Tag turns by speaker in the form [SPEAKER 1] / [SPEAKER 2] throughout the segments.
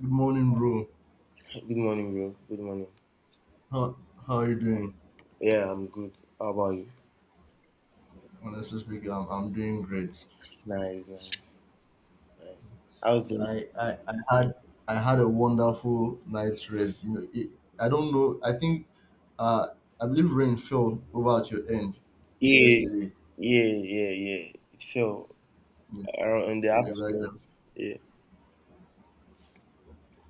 [SPEAKER 1] Good morning, bro.
[SPEAKER 2] Good morning, bro. Good morning.
[SPEAKER 1] How how are you doing?
[SPEAKER 2] Yeah, I'm good. How about you?
[SPEAKER 1] Honestly speaking, I'm doing great.
[SPEAKER 2] Nice, nice, nice. How's the
[SPEAKER 1] I, I I had I had a wonderful night's rest. You know, I don't know. I think uh I believe rain fell over at your end
[SPEAKER 2] Yeah,
[SPEAKER 1] yesterday.
[SPEAKER 2] yeah, yeah, yeah. It fell
[SPEAKER 1] Yeah,
[SPEAKER 2] around in the
[SPEAKER 1] exactly.
[SPEAKER 2] afternoon. Yeah,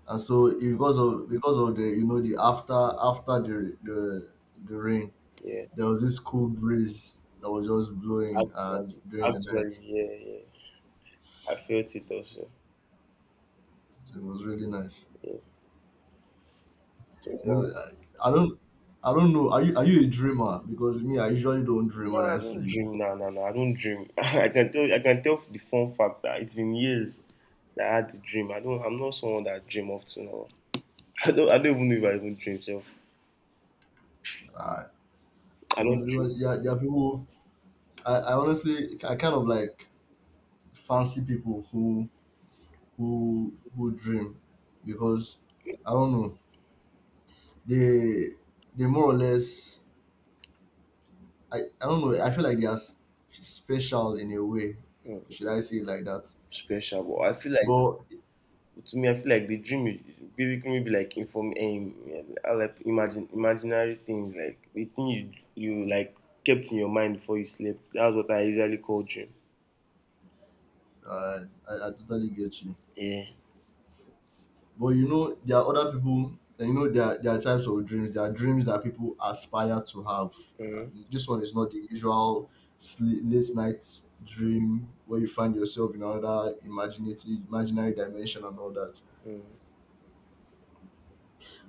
[SPEAKER 1] And so it- because of the you know the after after the rain,
[SPEAKER 2] yeah.
[SPEAKER 1] there was this cool breeze that was just blowing
[SPEAKER 2] Actually,
[SPEAKER 1] during the
[SPEAKER 2] actually,
[SPEAKER 1] night.
[SPEAKER 2] yeah, yeah. I felt it also.
[SPEAKER 1] So it was really nice.
[SPEAKER 2] Yeah. So it's
[SPEAKER 1] No,
[SPEAKER 2] like,
[SPEAKER 1] I I don't. I don't know. Are you a dreamer? Because me, I usually don't dream
[SPEAKER 2] no,
[SPEAKER 1] when
[SPEAKER 2] I
[SPEAKER 1] I
[SPEAKER 2] don't
[SPEAKER 1] sleep.
[SPEAKER 2] dream. No, no, no. I don't dream. I can tell the fun fact that it's been years that I had to dream. I don't. I'm not someone that dream of to now. I don't even know if I even dream. Self.
[SPEAKER 1] Uh,
[SPEAKER 2] I don't
[SPEAKER 1] Honestly,
[SPEAKER 2] dream.
[SPEAKER 1] because yeah, there are people. I honestly, I kind of like fancy people who dream, because I don't know. They they more or less. I don't know. I feel like they are special in a way.
[SPEAKER 2] Hmm.
[SPEAKER 1] Should I say it like that?
[SPEAKER 2] Special,
[SPEAKER 1] But
[SPEAKER 2] but to me, I feel like the dream is basically maybe like inform I like imagine imaginary things like the thing you like kept in your mind before you slept. That's what I usually call dream.
[SPEAKER 1] I totally get you.
[SPEAKER 2] Yeah.
[SPEAKER 1] But you know, there are other people, and you know, there are types of dreams. There are dreams that people aspire to have. Uh, This one is not the usual late night dream where you find yourself in another imaginary dimension and all that.
[SPEAKER 2] Mm-hmm.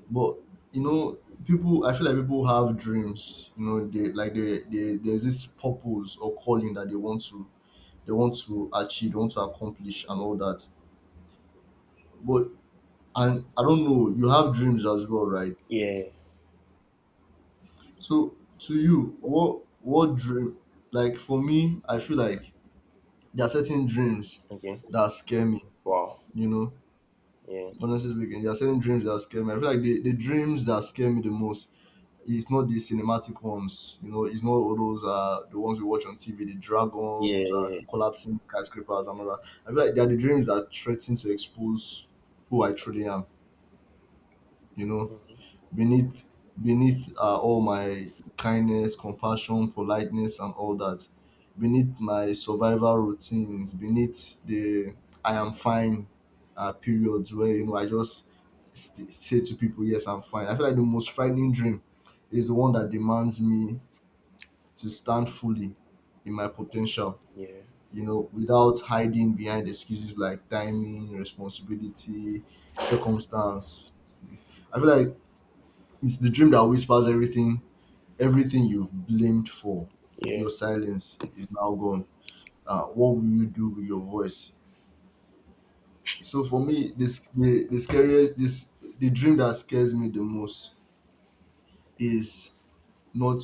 [SPEAKER 1] But you know, people. I feel like people have dreams. You know, they like they there's this purpose or calling that they want to achieve, they want to accomplish, and all that. But and I don't know. You have dreams as well, right?
[SPEAKER 2] Yeah.
[SPEAKER 1] So to you, what dream? Like for me, I feel like there are certain dreams
[SPEAKER 2] Okay.
[SPEAKER 1] that scare me.
[SPEAKER 2] Wow.
[SPEAKER 1] You know,
[SPEAKER 2] Yeah.
[SPEAKER 1] honestly speaking, there are certain dreams that scare me. I feel like the dreams that scare me the most is not the cinematic ones. You know, it's not all those the ones we watch on TV, the
[SPEAKER 2] Yeah.
[SPEAKER 1] dragons and
[SPEAKER 2] Yeah.
[SPEAKER 1] collapsing skyscrapers and all that. I feel like they are the dreams that threaten to expose who I truly am. You know,
[SPEAKER 2] Hmm.
[SPEAKER 1] beneath beneath all my kindness, compassion, politeness, and all that, beneath my survival routines, beneath the I am fine periods where you know I just say to people yes I'm fine. I feel like the most frightening dream is the one that demands me to stand fully in my potential,
[SPEAKER 2] Yeah.
[SPEAKER 1] you know, without hiding behind excuses like timing, responsibility, circumstance. I feel like it's the dream that whispers everything. Everything you've blamed for
[SPEAKER 2] Yeah.
[SPEAKER 1] your silence is now gone. What will you do with your voice? So for me, this the scariest this the dream that scares me the most is not,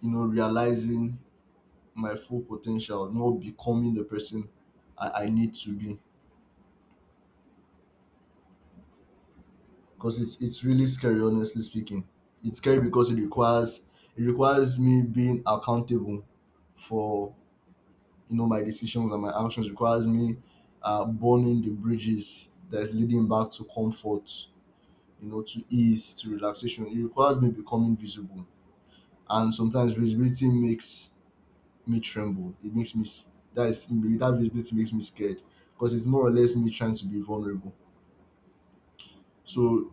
[SPEAKER 1] you know, realizing my full potential, not becoming the person I need to be. Because it's really scary, honestly speaking. It's scary because it requires me being accountable for, you know, my decisions and my actions. Requires me burning the bridges that's leading back to comfort, you know, to ease, to relaxation. It requires me becoming visible, and sometimes visibility makes me tremble. It makes me s- that is that visibility makes me scared, because it's more or less me trying to be vulnerable. So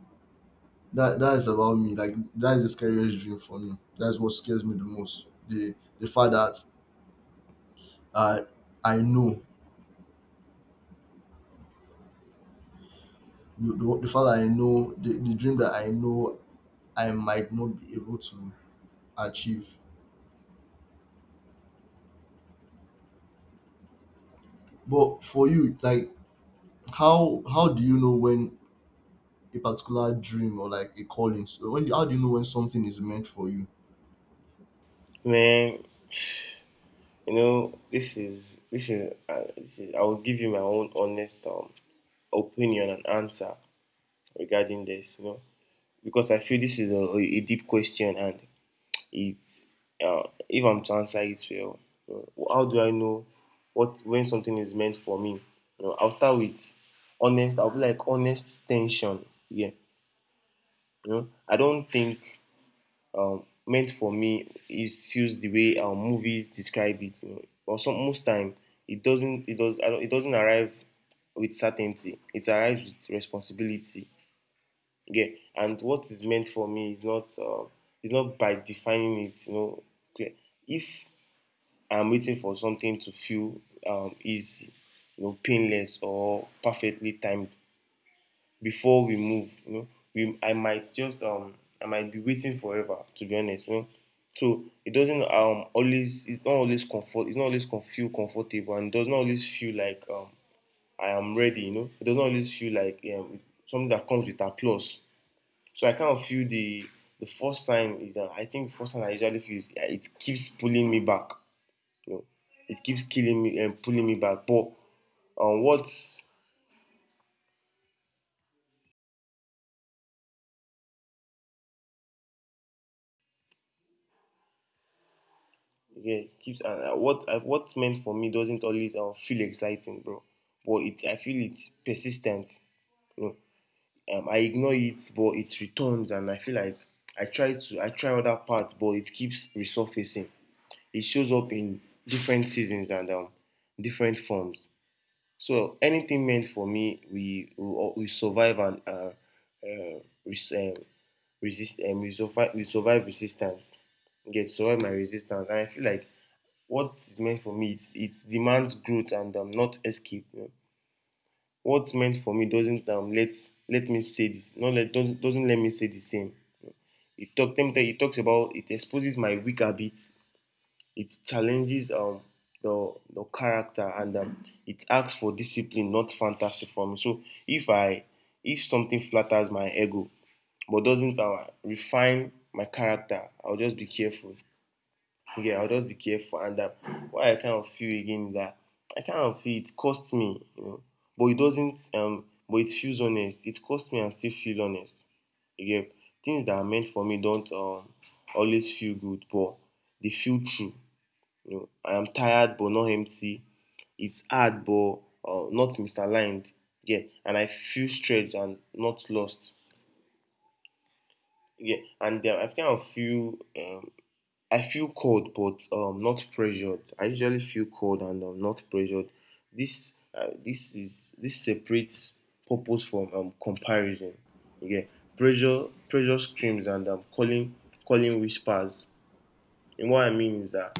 [SPEAKER 1] that is about me. Like that is the scariest dream for me. That's what scares me the most, the fact that uh, I know the fact that I know the dream that I know I might not be able to achieve. But for you, like how do you know when a particular dream or like a calling? So when how do you know when something is meant for you?
[SPEAKER 2] Man, you know this is this is, this is I will give you my own honest opinion and answer regarding this. You know, because I feel this is a deep question and it uh, if I'm to answer it well, you know, how do I know what when something is meant for me? You know, I'll start with honest. I'll be like honest tension. Yeah, you know, I don't think meant for me. It feels the way movies describe it. You know, or some most time it doesn't. It does. I don't, it doesn't arrive with certainty. It arrives with responsibility. Yeah, and what is meant for me is not. It's not by defining it. You know. Okay. If I'm waiting for something to feel easy, painless or perfectly timed before we move. You know, we I might just I might be waiting forever to be honest. You know, so it's not always comfort it's not always con- feel comfortable and does not always feel like I am ready. You know, it does not always feel like something that comes with applause. So I kind of feel the first sign is that I think the first sign I usually feel is yeah, it keeps pulling me back. You know, it keeps killing me and pulling me back. But what yeah, it keeps what what's meant for me doesn't always feel exciting, bro. But it I feel it's persistent. You know, I ignore it, but it returns, and I feel like I try other parts, but it keeps resurfacing. It shows up in different seasons and different forms. So anything meant for me, we survive and uh, res- um, resist. We survive. We survive resistance. Get survive my resistance, and I feel like what is meant for me, it demands growth and not escape. You know? What's meant for me doesn't let me say this. Not let doesn't let me say the same. It talk, them- it talks about It exposes my weak habits. It challenges the character and it asks for discipline, not fantasy for me. So if I if something flatters my ego but doesn't refine my character, I'll just be careful. Yeah, I'll just be careful. And what I kind of feel again is that I kind of feel it costs me, you know, but it doesn't. But it feels honest. It costs me and still feel honest. You get Things that are meant for me don't always feel good, but they feel true. You know, I am tired but not empty. It's hard but not misaligned. Yeah, and I feel stretched and not lost. Yeah, and I feel cold but not pressured. I usually feel cold and not pressured. This separates purpose from comparison. Yeah, pressure screams and calling whispers. And what I mean is that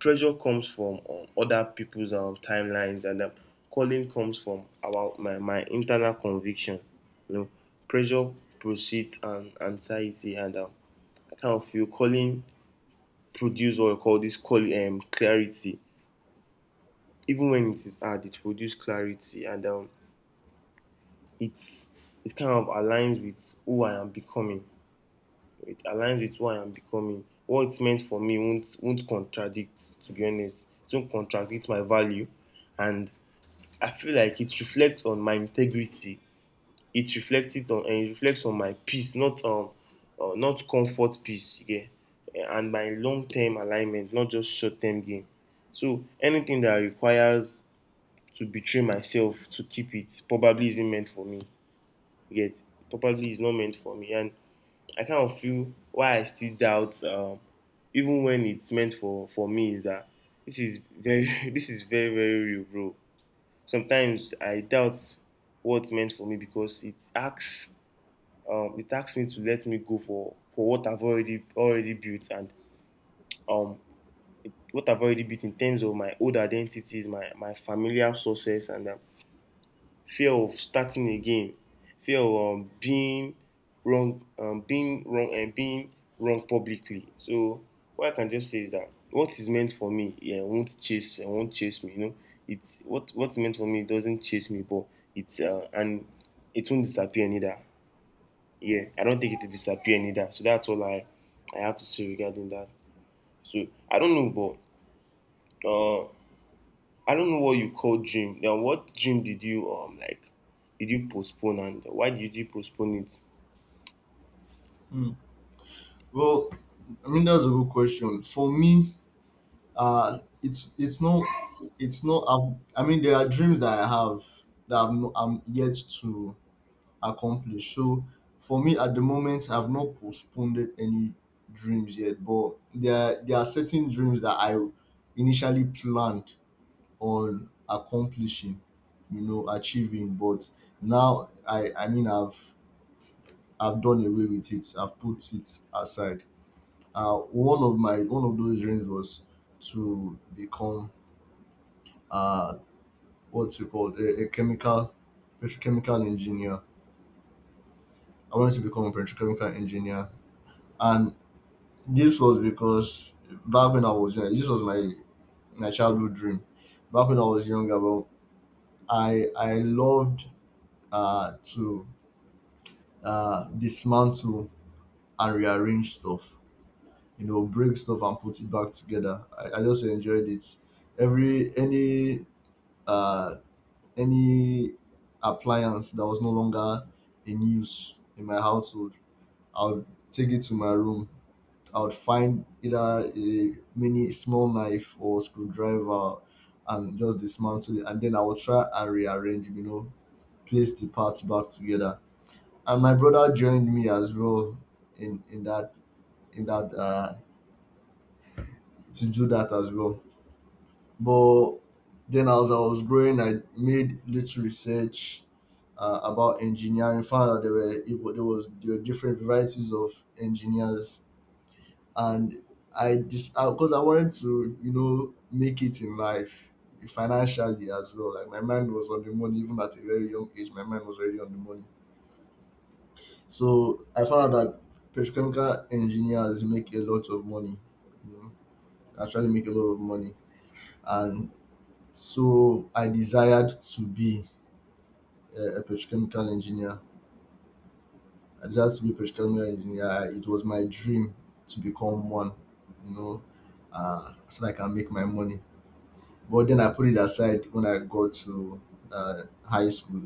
[SPEAKER 2] pressure comes from other people's timelines, and calling comes from our my internal conviction. You know, pressure proceeds and anxiety, and I kind of feel calling produce what we call this call clarity. Even when it is hard, it produces clarity, and it's it kind of aligns with who I am becoming. It aligns with who I am becoming. What it's meant for me won't contradict, to be honest. It won't contradict my value. And I feel like it reflects on my integrity. It reflects on my peace, not not comfort peace, yeah. And my long term alignment, not just short term gain. So anything that requires to betray myself to keep it probably isn't meant for me. You get It probably is not meant for me, and I kind of feel why I still doubt, even when it's meant for me, is that this is very. This is very, very real, bro. Sometimes I doubt what's meant for me because it asks me to let me go for what I've already built and um what I've already built in terms of my old identities, my familiar sources, and fear of starting again, fear of being wrong, and being wrong publicly. So what I can just say is that what is meant for me, yeah, won't chase, it won't chase me. You know, it's what what's meant for me doesn't chase me, but it's uh, and it won't disappear neither. Yeah, I don't think it will disappear neither. So that's all I have to say regarding that. So I don't know, but I don't know what you call gym. Now, what gym did you like? Did you postpone and why did you postpone it?
[SPEAKER 1] Hmm. Well, I mean that's a good question. For me, it's not it's not. I've, I mean there are dreams that I have that I'm yet to accomplished. So for me at the moment, I've not postponed any dreams yet, but there are certain dreams that I initially planned on accomplishing, you know, achieving. But now I've done away with it. I've put it aside. One of those dreams was to become uh what's it called, a chemical petrochemical engineer. I wanted to become a petrochemical engineer, and this was because back when I was young, this was my my childhood dream. Back when I was younger, well, I loved to dismantle and rearrange stuff. You know, break stuff and put it back together. I just enjoyed it. Every uh any appliance that was no longer in use in my household, I would take it to my room. I would find either a mini small knife or screwdriver and just dismantle it. And then I would try and rearrange, you know, place the parts back together. And my brother joined me as well in in that in that, to do that as well. But then as I was growing, I made little research about engineering. Found out there were it, wa- there was there were different varieties of engineers. And I just because I wanted to, you know, make it in life financially as well. Like my mind was on the money. Even at a very young age, my mind was already on the money. So I found out that petrochemical engineers make a lot of money, you know, actually make a lot of money. And so I desired to be a petrochemical engineer. I desired to be a petrochemical engineer. It was my dream to become one, you know, so that I can make my money. But then I put it aside when I got to high school,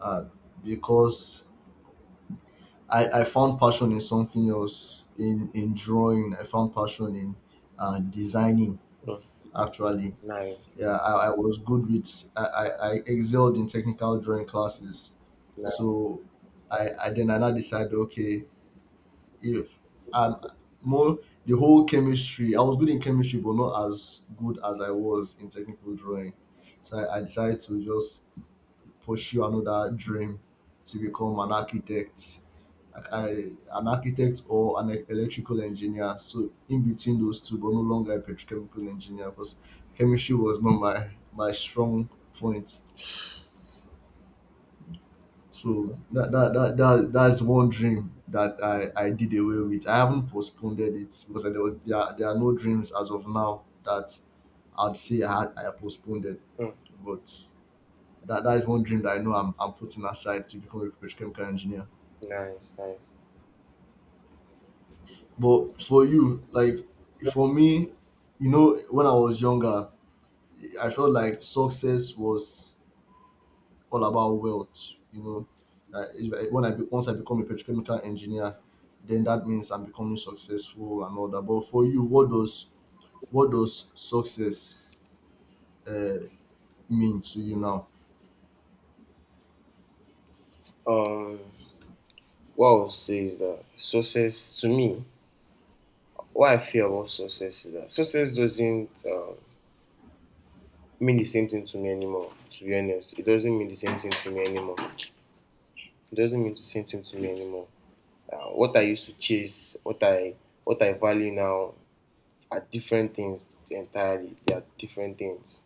[SPEAKER 1] uh, because I found passion in something else, in drawing. I found passion in designing,
[SPEAKER 2] Mm,
[SPEAKER 1] actually.
[SPEAKER 2] nice,
[SPEAKER 1] Yeah, I was good with, I excelled in technical drawing classes.
[SPEAKER 2] nice,
[SPEAKER 1] So I now decided, okay, if I'm more, the whole chemistry, I was good in chemistry, but not as good as I was in technical drawing. So I decided to just pursue another dream to become an architect. Like I, an architect or an electrical engineer. So in between those two, but no longer a petrochemical engineer because chemistry was not my my strong point. So that's one dream that I did away with. I haven't postponed it because there are no dreams as of now that I'd say I postponed it.
[SPEAKER 2] mm,
[SPEAKER 1] But that, that is one dream that I know I'm putting aside to become a petrochemical engineer.
[SPEAKER 2] nice, nice.
[SPEAKER 1] But for you, like for me, you know, when I was younger, I felt like success was all about wealth. You know, like, if when I be, once I become a petrochemical engineer, then that means I'm becoming successful and all that. But for you, what does success uh, mean to you now?
[SPEAKER 2] Um, what I would say is that success to me, what I feel about success is that success doesn't mean the same thing to me anymore. To be honest, it doesn't mean the same thing to me anymore. It doesn't mean the same thing to me anymore. What I used to chase, what I value now, are different things entirely. They are different things.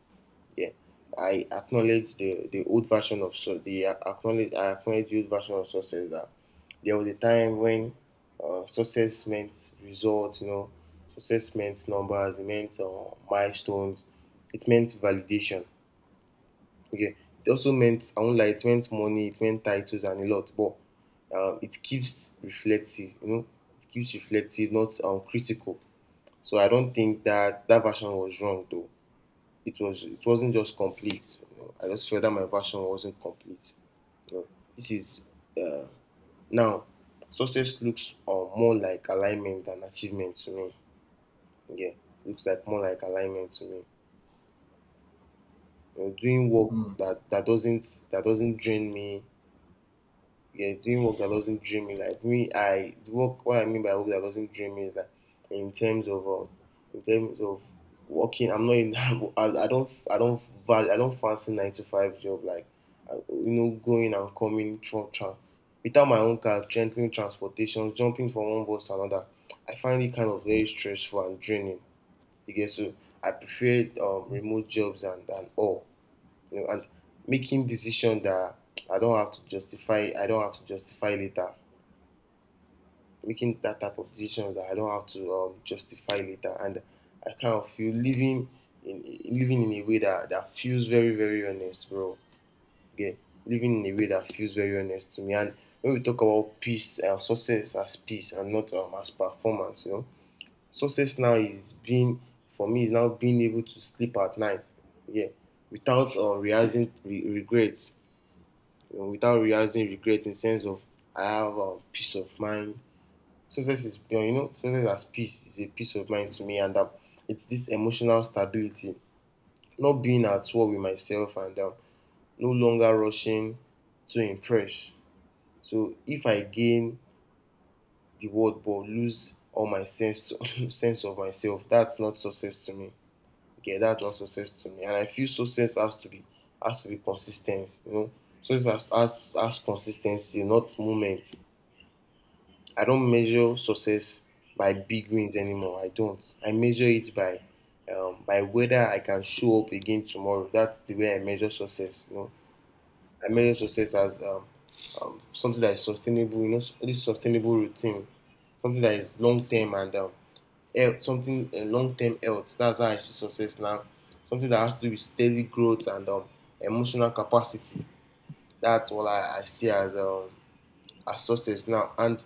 [SPEAKER 2] Yeah, I acknowledge the old version of so the acknowledge I acknowledge the old version of success that there was a time when success meant results, you know, success meant numbers, it meant milestones, it meant validation. Okay, it also meant I won't lie, it meant money, it meant titles and a lot, but it keeps reflective, you know, it keeps reflective, not critical. So I don't think that that version was wrong, though it wasn't just complete. You know, I just felt that my version wasn't complete. You know, this is uh, now success looks more like alignment than achievement to me. Yeah, looks like more like alignment to me. You know, doing work
[SPEAKER 1] Mm,
[SPEAKER 2] that doesn't drain me, yeah, doing work that doesn't drain me. Like me, I the work. What I mean by work that doesn't drain me is that in terms of uh, in terms of working, I'm not in. I don't. I don't. Value. I don't fancy 9-to-5 job. Like I, going and coming, without my own car, gentling transportation, jumping from one bus to another. I find it kind of very stressful and draining. You get So I prefer remote jobs and all. You know, and making decisions that I don't have to justify later. Making that type of decisions that I don't have to justify later, and I kind of feel in living in a way that feels very, very honest, bro. Yeah, living in a way that feels very honest to me. And when we talk about peace and success as peace and not as performance, you know, success now is being for me is now being able to sleep at night. Yeah, without realizing regrets, without realizing regret in the sense of I have a peace of mind. Success as peace is a peace of mind to me, and it's this emotional stability, not being at war with myself, and no longer rushing to impress. So if I gain the world but lose all my sense of myself, that's not success to me. Yeah, that's not success to me, and I feel success has to be consistent. You know, success has consistency, not moments. I don't measure success by big wins anymore. I don't. I measure it by whether I can show up again tomorrow. That's the way I measure success. You know, I
[SPEAKER 1] mm,
[SPEAKER 2] measure success as something that is sustainable. You know, this sustainable routine, something that is long term and health, something long term health. That's how I see success now. Something that has to do with steady growth and emotional capacity. That's what I see as success now. And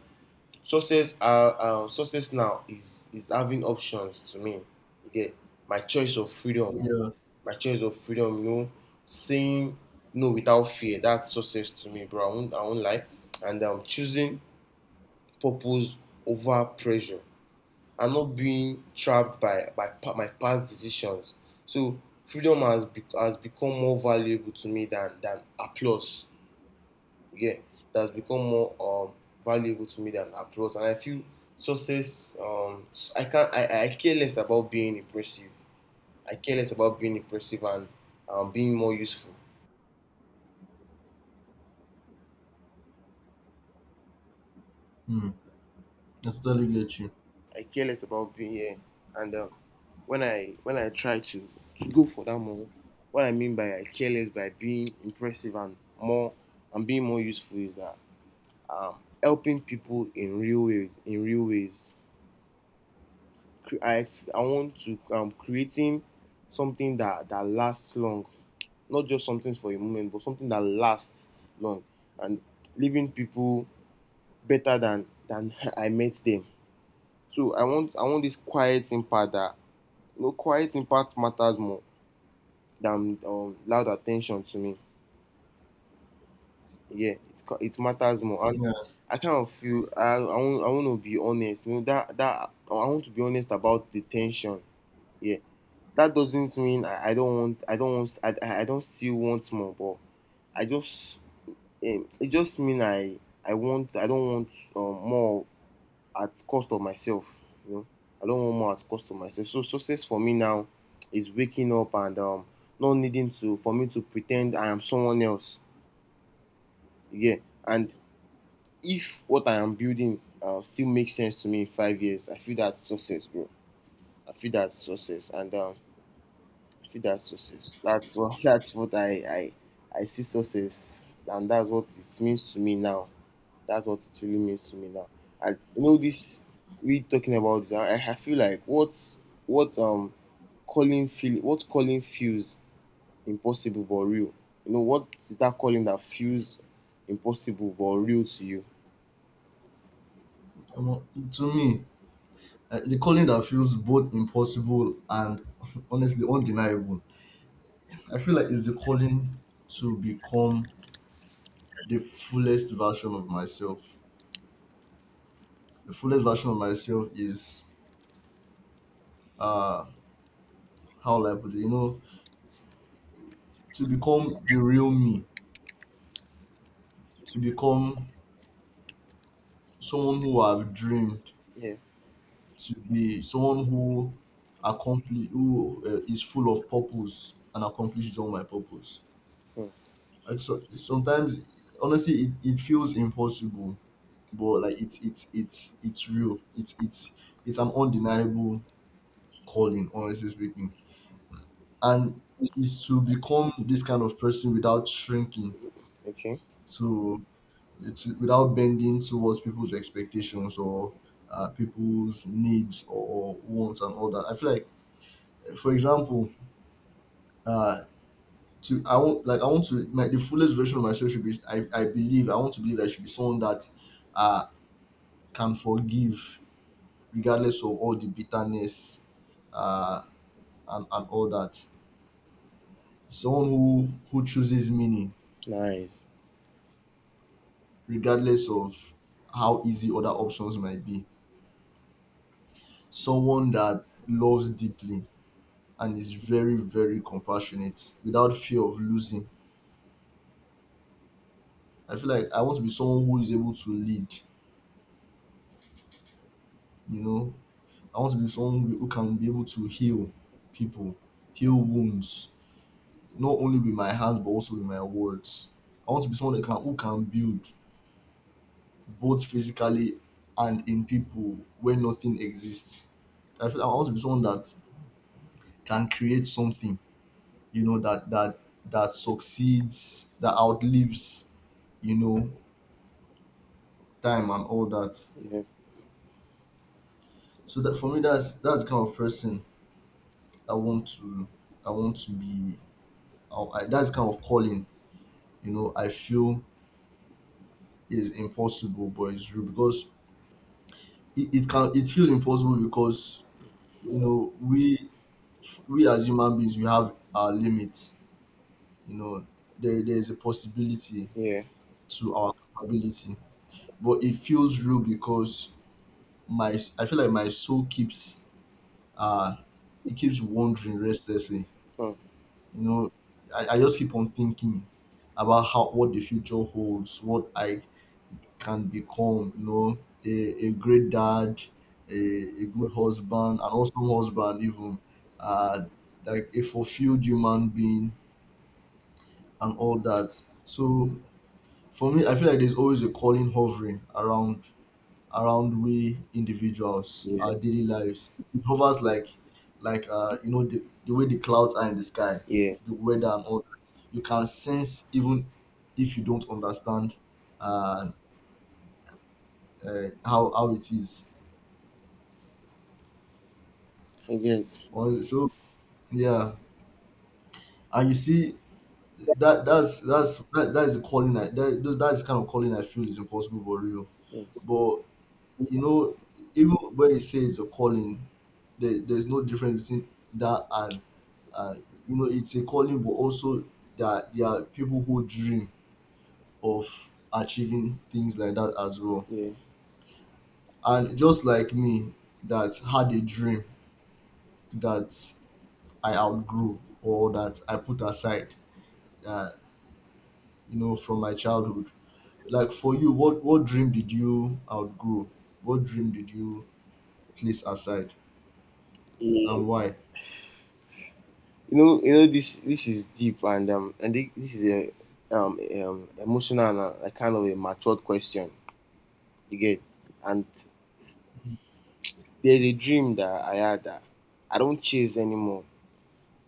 [SPEAKER 2] success are success now is having options to me. Again, my choice of freedom,
[SPEAKER 1] yeah,
[SPEAKER 2] my choice of freedom. You know, saying no without fear. That's success to me, bro. I won't lie. And choosing purpose over pressure. I'm not being trapped by my past decisions. So freedom has become more valuable to me than applause, yeah, that's become more valuable to me than applause. And I feel success. I can not I, I care less about being impressive. I care less about being impressive and being more useful.
[SPEAKER 1] mm, I totally get you.
[SPEAKER 2] I care less about being here. And when I try to go for that more. What I mean by I care less by being impressive and more and being more useful is that helping people in real ways I want to creating something that lasts long, not just something for a moment, but something that lasts long, and leaving people better than I met them. So I want this quiet impact that, you know, quiet impact matters more than loud attention to me. Yeah, it matters more. And
[SPEAKER 1] Yeah,
[SPEAKER 2] I kind of feel I want to be honest. You know that that I want to be honest about the tension. Yeah, that doesn't mean I don't want I don't still want more, but I just it just mean I want I don't want more at cost of myself. You know, I don't want more at cost of myself. So success for me now is waking up and not needing to for me to pretend I am someone else. Yeah, and if what I am building still makes sense to me in five years, I feel that's success, bro. I feel that's success, and I feel that's success. That's what that's what I see success, and that's what it means to me now. That's what it really means to me now. And you know this, we talking about this. I feel like what calling feel what calling feels impossible but real. You know what is that calling that feels impossible but real to you?
[SPEAKER 1] omo, to me, the calling that feels both impossible and honestly undeniable. I feel like it's the calling to become the fullest version of myself. The fullest version of myself is uh how will I put it, you know, to become the real me, to become someone who I've dreamed,
[SPEAKER 2] Yeah.
[SPEAKER 1] to be someone who accomplish, who is full of purpose and accomplishes all my purpose.
[SPEAKER 2] Hmm.
[SPEAKER 1] I just, sometimes honestly it feels impossible, but like it's real. It's It's an undeniable calling, honestly speaking. And is to become this kind of person without shrinking
[SPEAKER 2] Okay.
[SPEAKER 1] to, to without bending towards people's expectations or people's needs or wants and all that. I feel like, for example, uh, to I want like I want to my the fullest version of myself should be. I believe I want to believe I should be someone that uh, can forgive regardless of all the bitterness, uh, and all that. Someone who chooses meaning
[SPEAKER 2] Nice.
[SPEAKER 1] regardless of how easy other options might be. Someone that loves deeply and is very, very compassionate without fear of losing. I feel like I want to be someone who is able to lead, you know. I want to be someone who can be able to heal people, heal wounds, not only with my hands but also with my words. I want to be someone that can who can build both physically and in people where nothing exists. I feel like I want to be someone that can create something, you know that that that succeeds, that outlives you know time and all that.
[SPEAKER 2] Yeah.
[SPEAKER 1] So that for me, that's the kind of person i want to I want to be. That's the kind of calling, I feel is impossible, but it's true because it feel impossible because, you know, we as human beings, we have our limits. You know, there's a possibility
[SPEAKER 2] Yeah.
[SPEAKER 1] to our capability, but it feels real because my I feel like my soul keeps, uh it keeps wandering restlessly.
[SPEAKER 2] Hmm.
[SPEAKER 1] You know, I just keep on thinking about how, what the future holds, what I can become, you know, a great dad, a good husband, an awesome husband even, uh like a fulfilled human being and all that. So for me, I feel like there's always a calling hovering around, we individuals,
[SPEAKER 2] Yeah.
[SPEAKER 1] our daily lives, it hovers like you know, the way the clouds are in the sky,
[SPEAKER 2] Yeah.
[SPEAKER 1] the weather and all that. You can sense even if you don't understand, uh, how it is.
[SPEAKER 2] I guess.
[SPEAKER 1] So yeah, and you see that, that is a calling. I, that those That is kind of calling I feel is impossible but real.
[SPEAKER 2] Hmm.
[SPEAKER 1] But you know, even when it says a calling, there's no difference between that and, uh, you know, it's a calling, but also that there are people who dream of achieving things like that as well.
[SPEAKER 2] Yeah.
[SPEAKER 1] And just like me, that had a dream that I outgrew, or that I put aside, uh, you know, from my childhood. Like for you, what dream did you outgrow? What dream did you place aside, and why?
[SPEAKER 2] You know this this is deep and this is a emotional and a like kind of a matured question. You get, and there's a dream that I had that I don't chase anymore,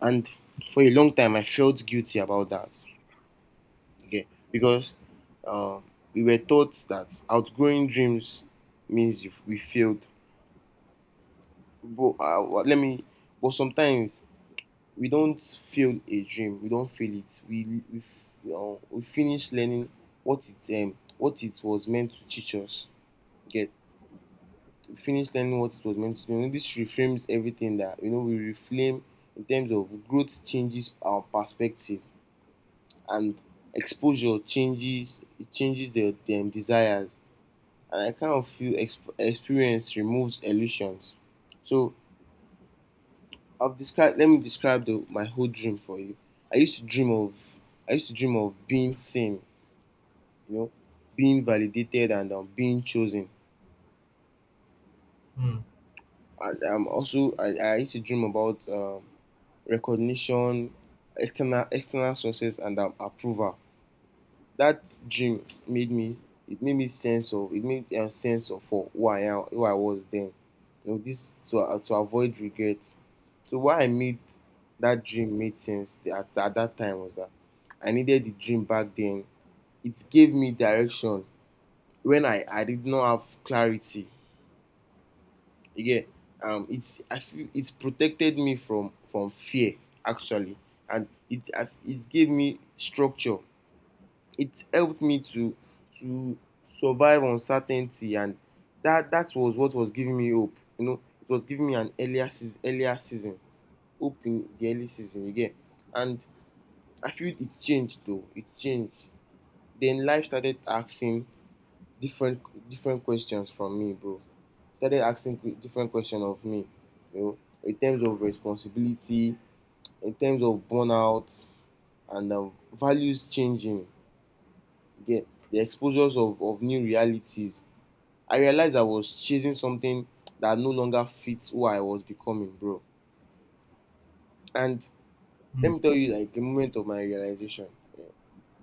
[SPEAKER 2] and for a long time I felt guilty about that. Okay, because um, we were taught that outgrowing dreams means you we failed. But let me. But sometimes we don't fail a dream, we don't fail it, we finish learning what it was meant to teach us. Get finish learning what it was meant to, you know, this reframes everything that, you know, we reframe in terms of growth changes our perspective, and exposure changes it, changes the dem desires. And I kind of feel experience removes illusions. So I've described let me describe the my whole dream for you. I used to dream of I used to dream of being seen, you know, being validated and being chosen.
[SPEAKER 1] Hmm.
[SPEAKER 2] And I'm also I used to dream about recognition, external external sources and approval. That dream made me it made me sense of it made a sense of for who I am, who I was then. You know, this to avoid regret. So why I made that dream made sense at that time was that I needed the dream back then. It gave me direction when I did not have clarity. Again, it's I feel it protected me from fear actually, and it gave me structure. It helped me to survive uncertainty, and that that was what was giving me hope. You know, it was giving me an earlier season hope in the early season again, and I feel it changed though. It changed. Then life started asking different different questions from me, bro. Started asking different questions of me, you know, in terms of responsibility, in terms of burnout, and values changing. Again, the exposures of new realities. I realized I was chasing something that no longer fits who I was becoming, bro. And
[SPEAKER 1] Hmm.
[SPEAKER 2] let me tell you, like, a moment of my realization.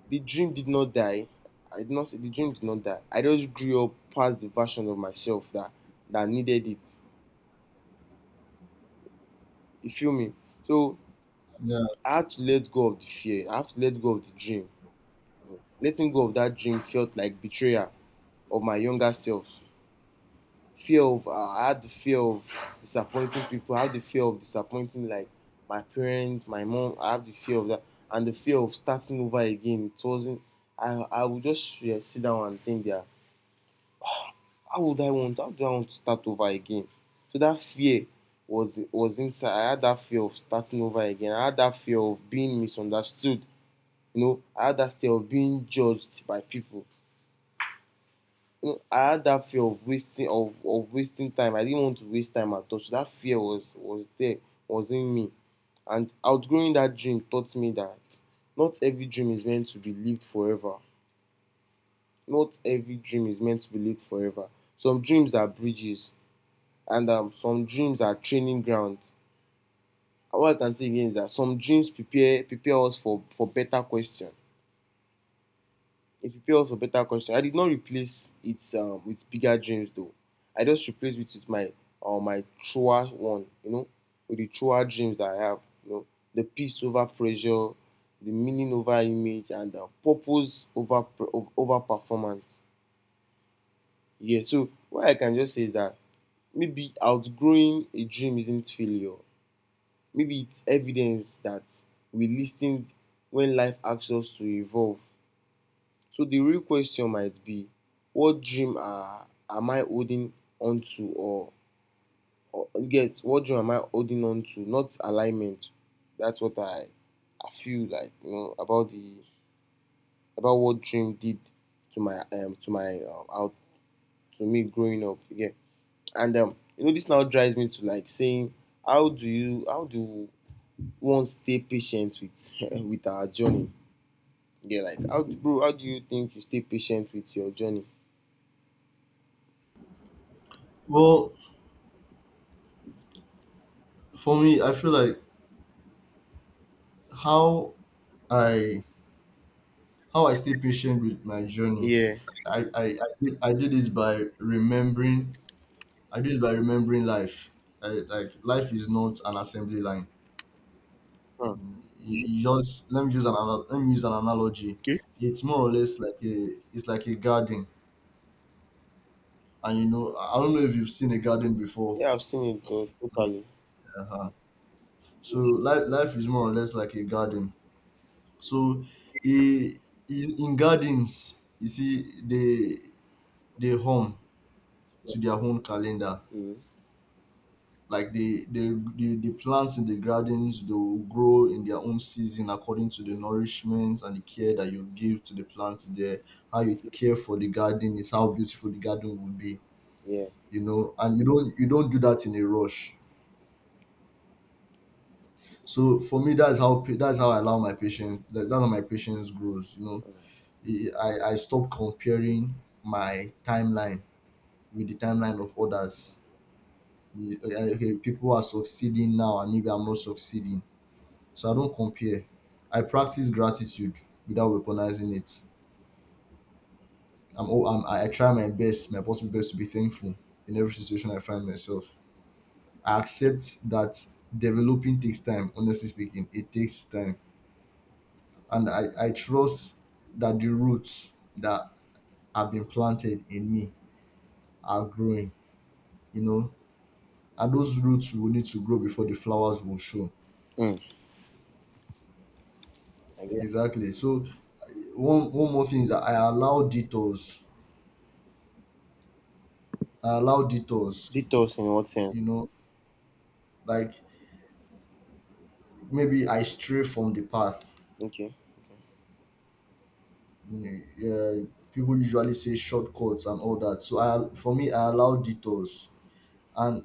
[SPEAKER 2] The dream did not die. I did not say the dream did not die. I just grew up past the version of myself that needed it. You feel me? So
[SPEAKER 1] Yeah.
[SPEAKER 2] I had to let go of the fear. I had to let go of the dream. Letting go of that dream felt like betrayal of my younger self. Fear of I had the fear of disappointing people. I had the fear of disappointing like my parents, my mom. I had the fear of that and the fear of starting over again. It wasn't. I I would just, yeah, sit down and think that how would I want? How do I want to start over again? So that fear was inside. I had that fear of starting over again. I had that fear of being misunderstood. You know, I had that fear of being judged by people. You know, I had that fear of wasting of wasting time. I didn't want to waste time at all. So that fear was there, was in me. And outgrowing that dream taught me that not every dream is meant to be lived forever. Not every dream is meant to be lived forever. Some dreams are bridges and some dreams are training grounds. And what I can say again is that some dreams prepare prepare us for better question. It prepare us for better question. I did not replace it with bigger dreams though. I just replaced it with my my truer one, you know, with the truer dreams that I have. You know, the peace over pressure, the meaning over image, and the purpose over over performance. Yeah. So what I can just say is that maybe outgrowing a dream isn't failure. Maybe it's evidence that we listened when life asks us to evolve. So the real question might be, am I holding on to or get what dream am I holding on to? Not alignment. That's what I feel like, you know, about the about what dream did to my out to me growing up. Yeah. And you know this now drives me to like saying how do one stay patient with with our journey. Yeah, like bro, how do you think you stay patient with your journey?
[SPEAKER 1] Well, for me, I feel like how I how I stay patient with my journey.
[SPEAKER 2] Yeah.
[SPEAKER 1] I did this by remembering. I did it by remembering life. Like, life is not an assembly line.
[SPEAKER 2] Hmm.
[SPEAKER 1] You just Let me use an analogy. It's more or less like a, it's like a garden. And you know, I don't know if you've seen a garden before.
[SPEAKER 2] Yeah, I've seen it
[SPEAKER 1] Like,
[SPEAKER 2] totally.
[SPEAKER 1] uh-huh. So life is more or less like a garden. So he is in gardens, you see, they home to their own calendar.
[SPEAKER 2] Mm.
[SPEAKER 1] Like the plants in the gardens, they will grow in their own season according to the nourishment and the care that you give to the plants there. How you care for the garden is how beautiful the garden will be,
[SPEAKER 2] Yeah.
[SPEAKER 1] you know. And you don't do that in a rush. So for me, that's how I allow my patience. That's how my patience grows, you know. I I stopped comparing my timeline with the timeline of others. Okay, people are succeeding now, and maybe I'm not succeeding. So I don't compare. I practice gratitude without weaponizing it. I try my best, my possible best, to be thankful in every situation I find myself. I accept that developing takes time. Honestly speaking, it takes time. And I trust that the roots that have been planted in me are growing. You know, and those roots will need to grow before the flowers will show.
[SPEAKER 2] Mm. I get
[SPEAKER 1] Exactly. So one more thing is that I allow detours. I allow detours.
[SPEAKER 2] detours in what sense?
[SPEAKER 1] You know, like maybe I stray from the path.
[SPEAKER 2] Okay. Okay.
[SPEAKER 1] Mm. Yeah, people usually say shortcuts and all that. So I for me, I allow detours. And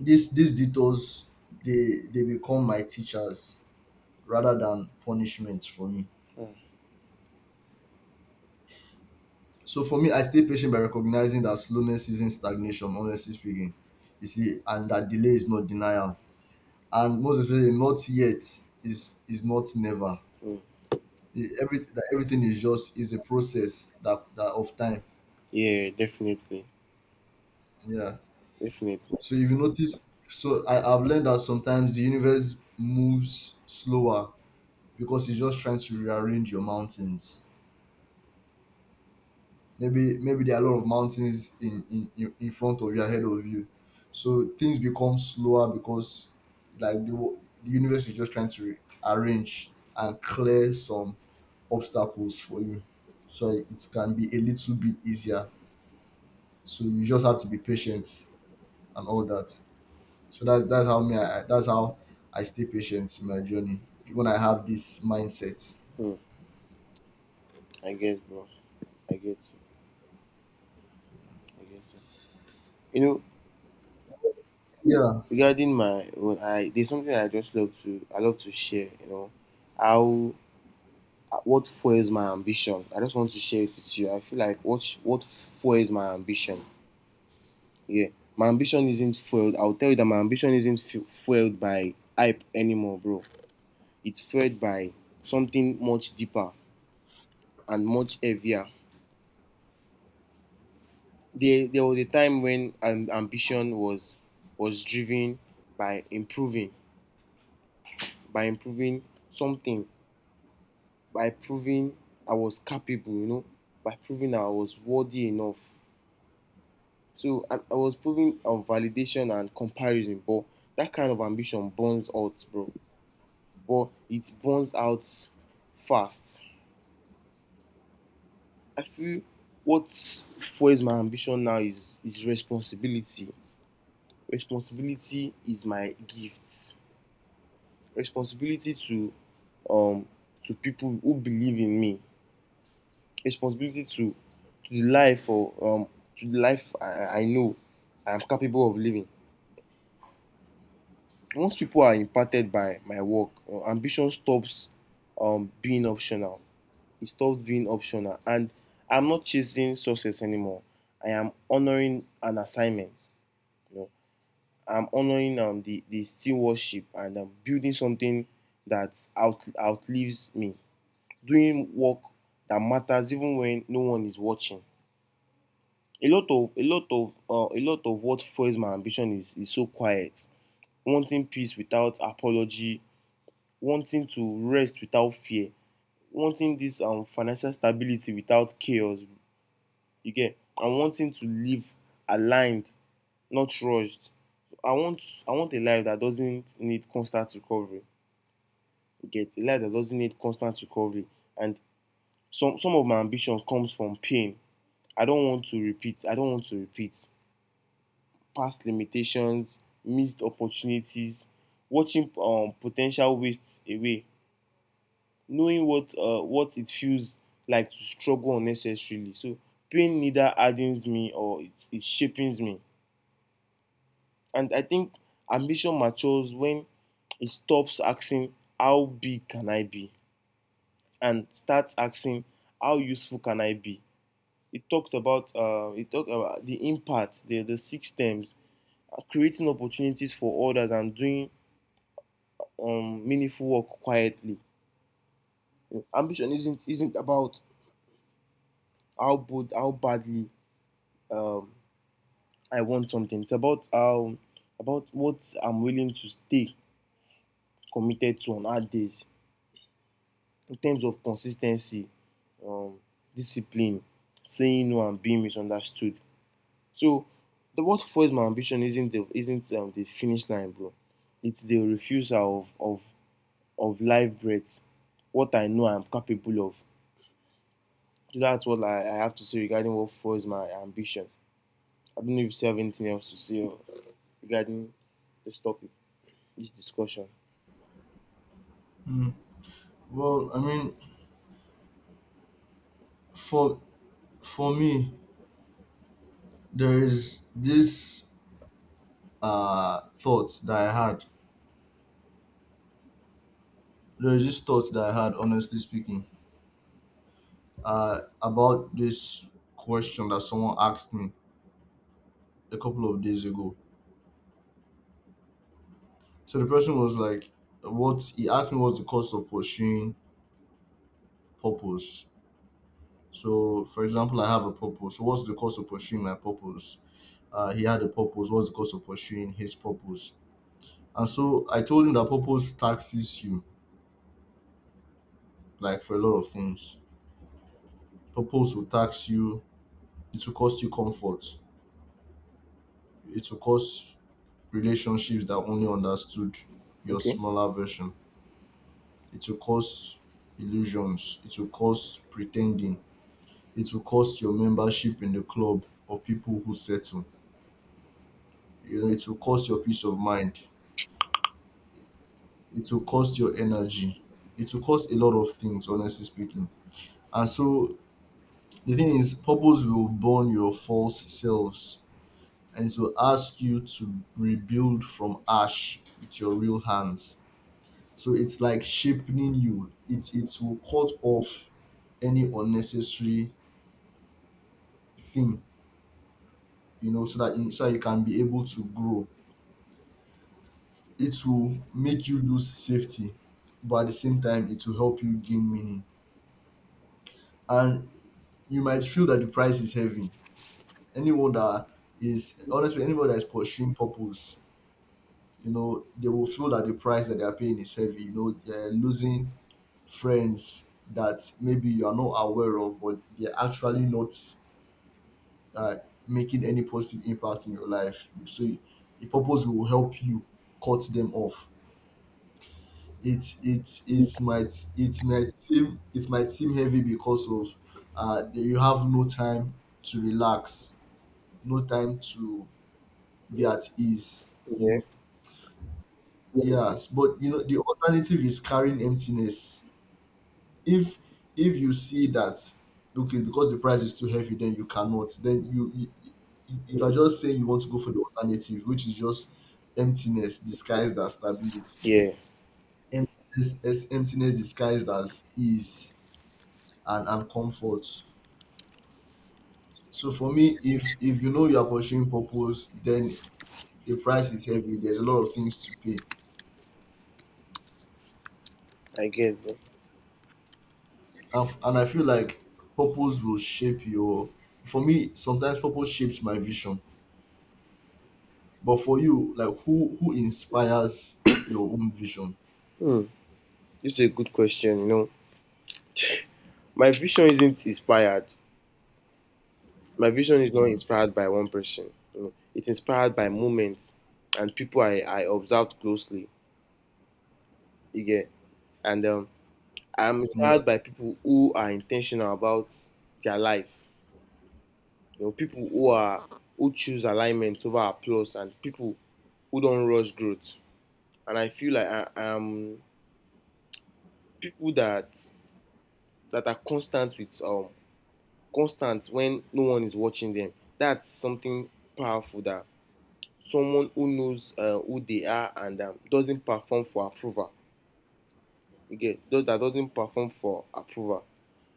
[SPEAKER 1] these detours, they become my teachers rather than punishment for me. So for me, I stay patient by recognizing that slowness isn't stagnation, honestly speaking. You see, and that delay is not denial. And most especially, not yet is not never.
[SPEAKER 2] Mm.
[SPEAKER 1] That Everything is just is a process that of time.
[SPEAKER 2] Yeah, definitely.
[SPEAKER 1] Yeah.
[SPEAKER 2] Definitely.
[SPEAKER 1] So if you notice, so I've learned that sometimes the universe moves slower because it's just trying to rearrange your mountains. Maybe there are a lot of mountains in front of you, ahead of you, so things become slower because, like the, wo- the universe is just trying to re- arrange and clear some obstacles for you, so it can be a little bit easier. So you just have to be patient and all that. So that's how, that's how I stay patient in my journey, when I have this mindset.
[SPEAKER 2] Mm. I guess, bro. I get you. I get you. You know,
[SPEAKER 1] Yeah.
[SPEAKER 2] regarding my own, I there's something I love to share, you know. How what fuels my ambition? I just want to share it with you. I feel like what fuels my ambition? Yeah, my ambition isn't fueled. I'll tell you that my ambition isn't fu- fueled by hype anymore, bro. It's fueled by something much deeper and much heavier. There was a time when ambition was driven by improving, by improving something, by proving I was capable, you know, by proving I was worthy enough. So and I was proving validation and comparison, but that kind of ambition burns out, bro. But it burns out fast. I feel what fuels my ambition now is responsibility. Responsibility is my gift. Responsibility um to people who believe in me. Responsibility to the life or to the life I know I am capable of living. Once people are impacted by my work, ambition stops being optional. It stops being optional. And I'm not chasing success anymore. I am honoring an assignment. You know, I'm honoring the stewardship and building something that outlives me. Doing work that matters even when no one is watching. A lot of a lot of a lot of what fuels my ambition is so quiet. Wanting peace without apology, wanting to rest without fear, wanting this financial stability without chaos. You get? And wanting to live aligned, not rushed. I want I want a life that doesn't need constant recovery. You get? A life that doesn't need constant recovery. And some of my ambition comes from pain. I don't want to repeat past limitations, missed opportunities, watching potential waste away, knowing what it feels like to struggle unnecessarily. So pain neither hardens me or it shapes me. And I think ambition matures when it stops asking how big can I be and starts asking how useful can I be. It talked about the impact, the six terms, creating opportunities for others and doing meaningful work quietly. You know, ambition isn't about how bold, how badly um, I want something. It's about how about what I'm willing to stay committed to on hard days in terms of consistency, um, discipline, saying no and being misunderstood. So the what fuels my ambition isn't the finish line, bro. It's the refusal of life breath. What I know I'm capable of. So that's what I have to say regarding what fuels my ambition. I don't know if you have anything else to say regarding this topic, this discussion.
[SPEAKER 1] Mm. Well, I mean, for for me, there is this thought that I had. There is this thought that I had, honestly speaking, about this question that someone asked me a couple of days ago. So the person was like, "What?" He asked me, "What's the cost of pursuing purpose?" So, for example, I have a purpose. So, what's the cost of pursuing my purpose? He had a purpose. What's the cost of pursuing his purpose? And so I told him that purpose taxes you, like for a lot of things. Purpose will tax you. It will cost you comfort. It will cost relationships that only understood your
[SPEAKER 2] Okay.
[SPEAKER 1] smaller version. It will cost illusions. It will cost pretending. It will cost your membership in the club of people who settle. You know, it will cost your peace of mind. It will cost your energy. It will cost a lot of things, honestly speaking. And so the thing is, purpose will burn your false selves, and it will ask you to rebuild from ash with your real hands. So it's like sharpening you. It will cut off any unnecessary thing, you know, so that so that you can be able to grow. It will make you lose safety, but at the same time, it will help you gain meaning. And you might feel that the price is heavy. Anyone that is Honestly, anybody that is pursuing purpose, you know, they will feel that the price that they are paying is heavy. You know, they're losing friends that maybe you are not aware of, but they're actually not, uh, making any positive impact in your life. So the purpose will help you cut them off. It it it might it might seem, heavy because of, that you have no time to relax, no time to be at ease. You
[SPEAKER 2] Yeah.
[SPEAKER 1] know,
[SPEAKER 2] Yeah,
[SPEAKER 1] yes, but you know, the alternative is carrying emptiness. if if you see that, okay, because the price is too heavy, then you cannot, you you are just saying you want to go for the alternative, which is just emptiness disguised as stability,
[SPEAKER 2] yeah,
[SPEAKER 1] emptiness disguised as ease and comfort. So for me, if you know you are pursuing purpose, then the price is heavy, there's a lot of things to pay.
[SPEAKER 2] I get that.
[SPEAKER 1] And I feel like purpose will shape your, for me sometimes purpose shapes my vision. But for you, like, who inspires your own vision?
[SPEAKER 2] Hmm. This is a good question. You know, my vision isn't inspired. My vision is not
[SPEAKER 1] Mm,
[SPEAKER 2] inspired by one person. You know, it's inspired by moments and people I observed closely. You get, and I'm
[SPEAKER 1] yeah,
[SPEAKER 2] inspired by people who are intentional about their life. You know, people who are, who choose alignment over applause, and people who don't rush growth. And I feel like people that are constant with constant when no one is watching them. That's something powerful, that someone who knows who they are and doesn't perform for approval. Again, those that doesn't perform for approval.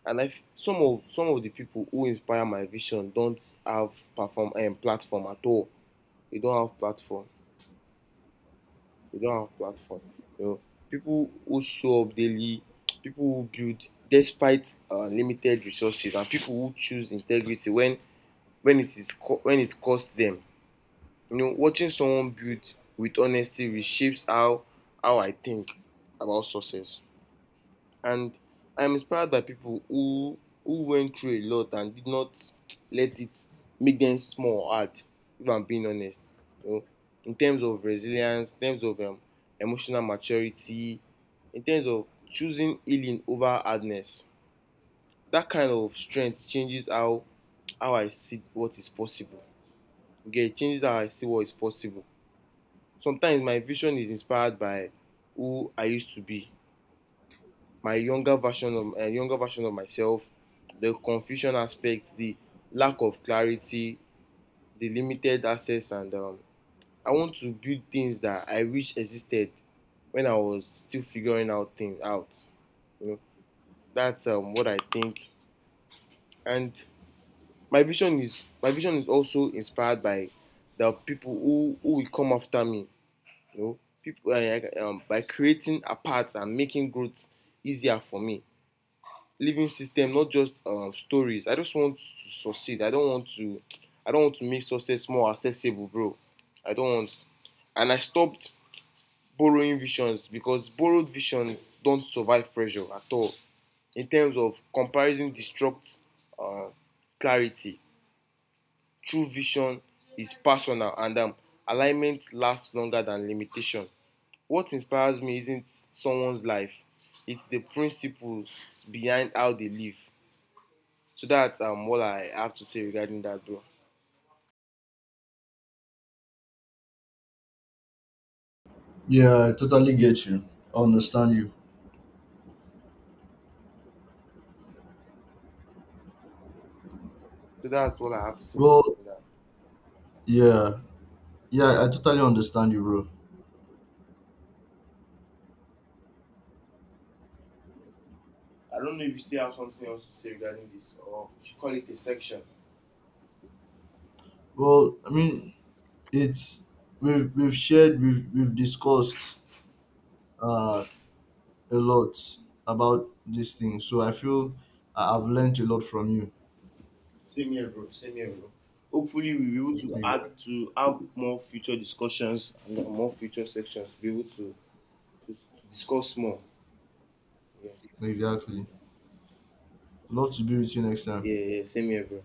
[SPEAKER 2] Some of the people who inspire my vision don't have perform platform at all. They don't have platform. They don't have platform. You know, people who show up daily, people who build despite limited resources, and people who choose integrity when when it costs them. You know, watching someone build with honesty reshapes how I think about success. And I'm inspired by people who went through a lot and did not let it make them small or hard. If I'm being honest, you know, in terms of resilience, in terms of emotional maturity, in terms of choosing healing over hardness. That kind of strength changes how I see what is possible. You get? It changes how I see what is possible. Sometimes my vision is inspired by who I used to be, my younger version of myself, the confusion aspect, the lack of clarity, the limited access, and I want to build things that I wish existed when I was still figuring out things out. You know, that's what I think. And my vision is also inspired by the people who will come after me. You know, people by creating a path and making growth easier for me. Living system, not just stories. I just want to succeed. I don't want to. I don't want to make success more accessible, bro. I don't want. And I stopped borrowing visions because borrowed visions don't survive pressure at all. In terms of comparison, destruct uh, clarity. True vision is personal, and alignment lasts longer than limitation. What inspires me isn't someone's life, it's the principles behind how they live. So that's what I have to say regarding that, bro.
[SPEAKER 1] yeah, I totally get you. I understand you.
[SPEAKER 2] So that's what I have to say
[SPEAKER 1] Well,
[SPEAKER 2] regarding that.
[SPEAKER 1] yeah, yeah, I totally understand you, bro.
[SPEAKER 2] I don't know if you still have something else to say regarding this, or we should call it a section.
[SPEAKER 1] Well, I mean, it's, we've discussed uh a lot about this thing. So I feel I've learned a lot from you.
[SPEAKER 2] Same here, bro. Same here, bro. Hopefully, we'll be able to
[SPEAKER 1] Exactly.
[SPEAKER 2] add to have more future discussions and more future sections to be able to discuss more. Yeah, yeah,
[SPEAKER 1] Exactly. Love to be with you next time.
[SPEAKER 2] yeah, yeah, same here, bro.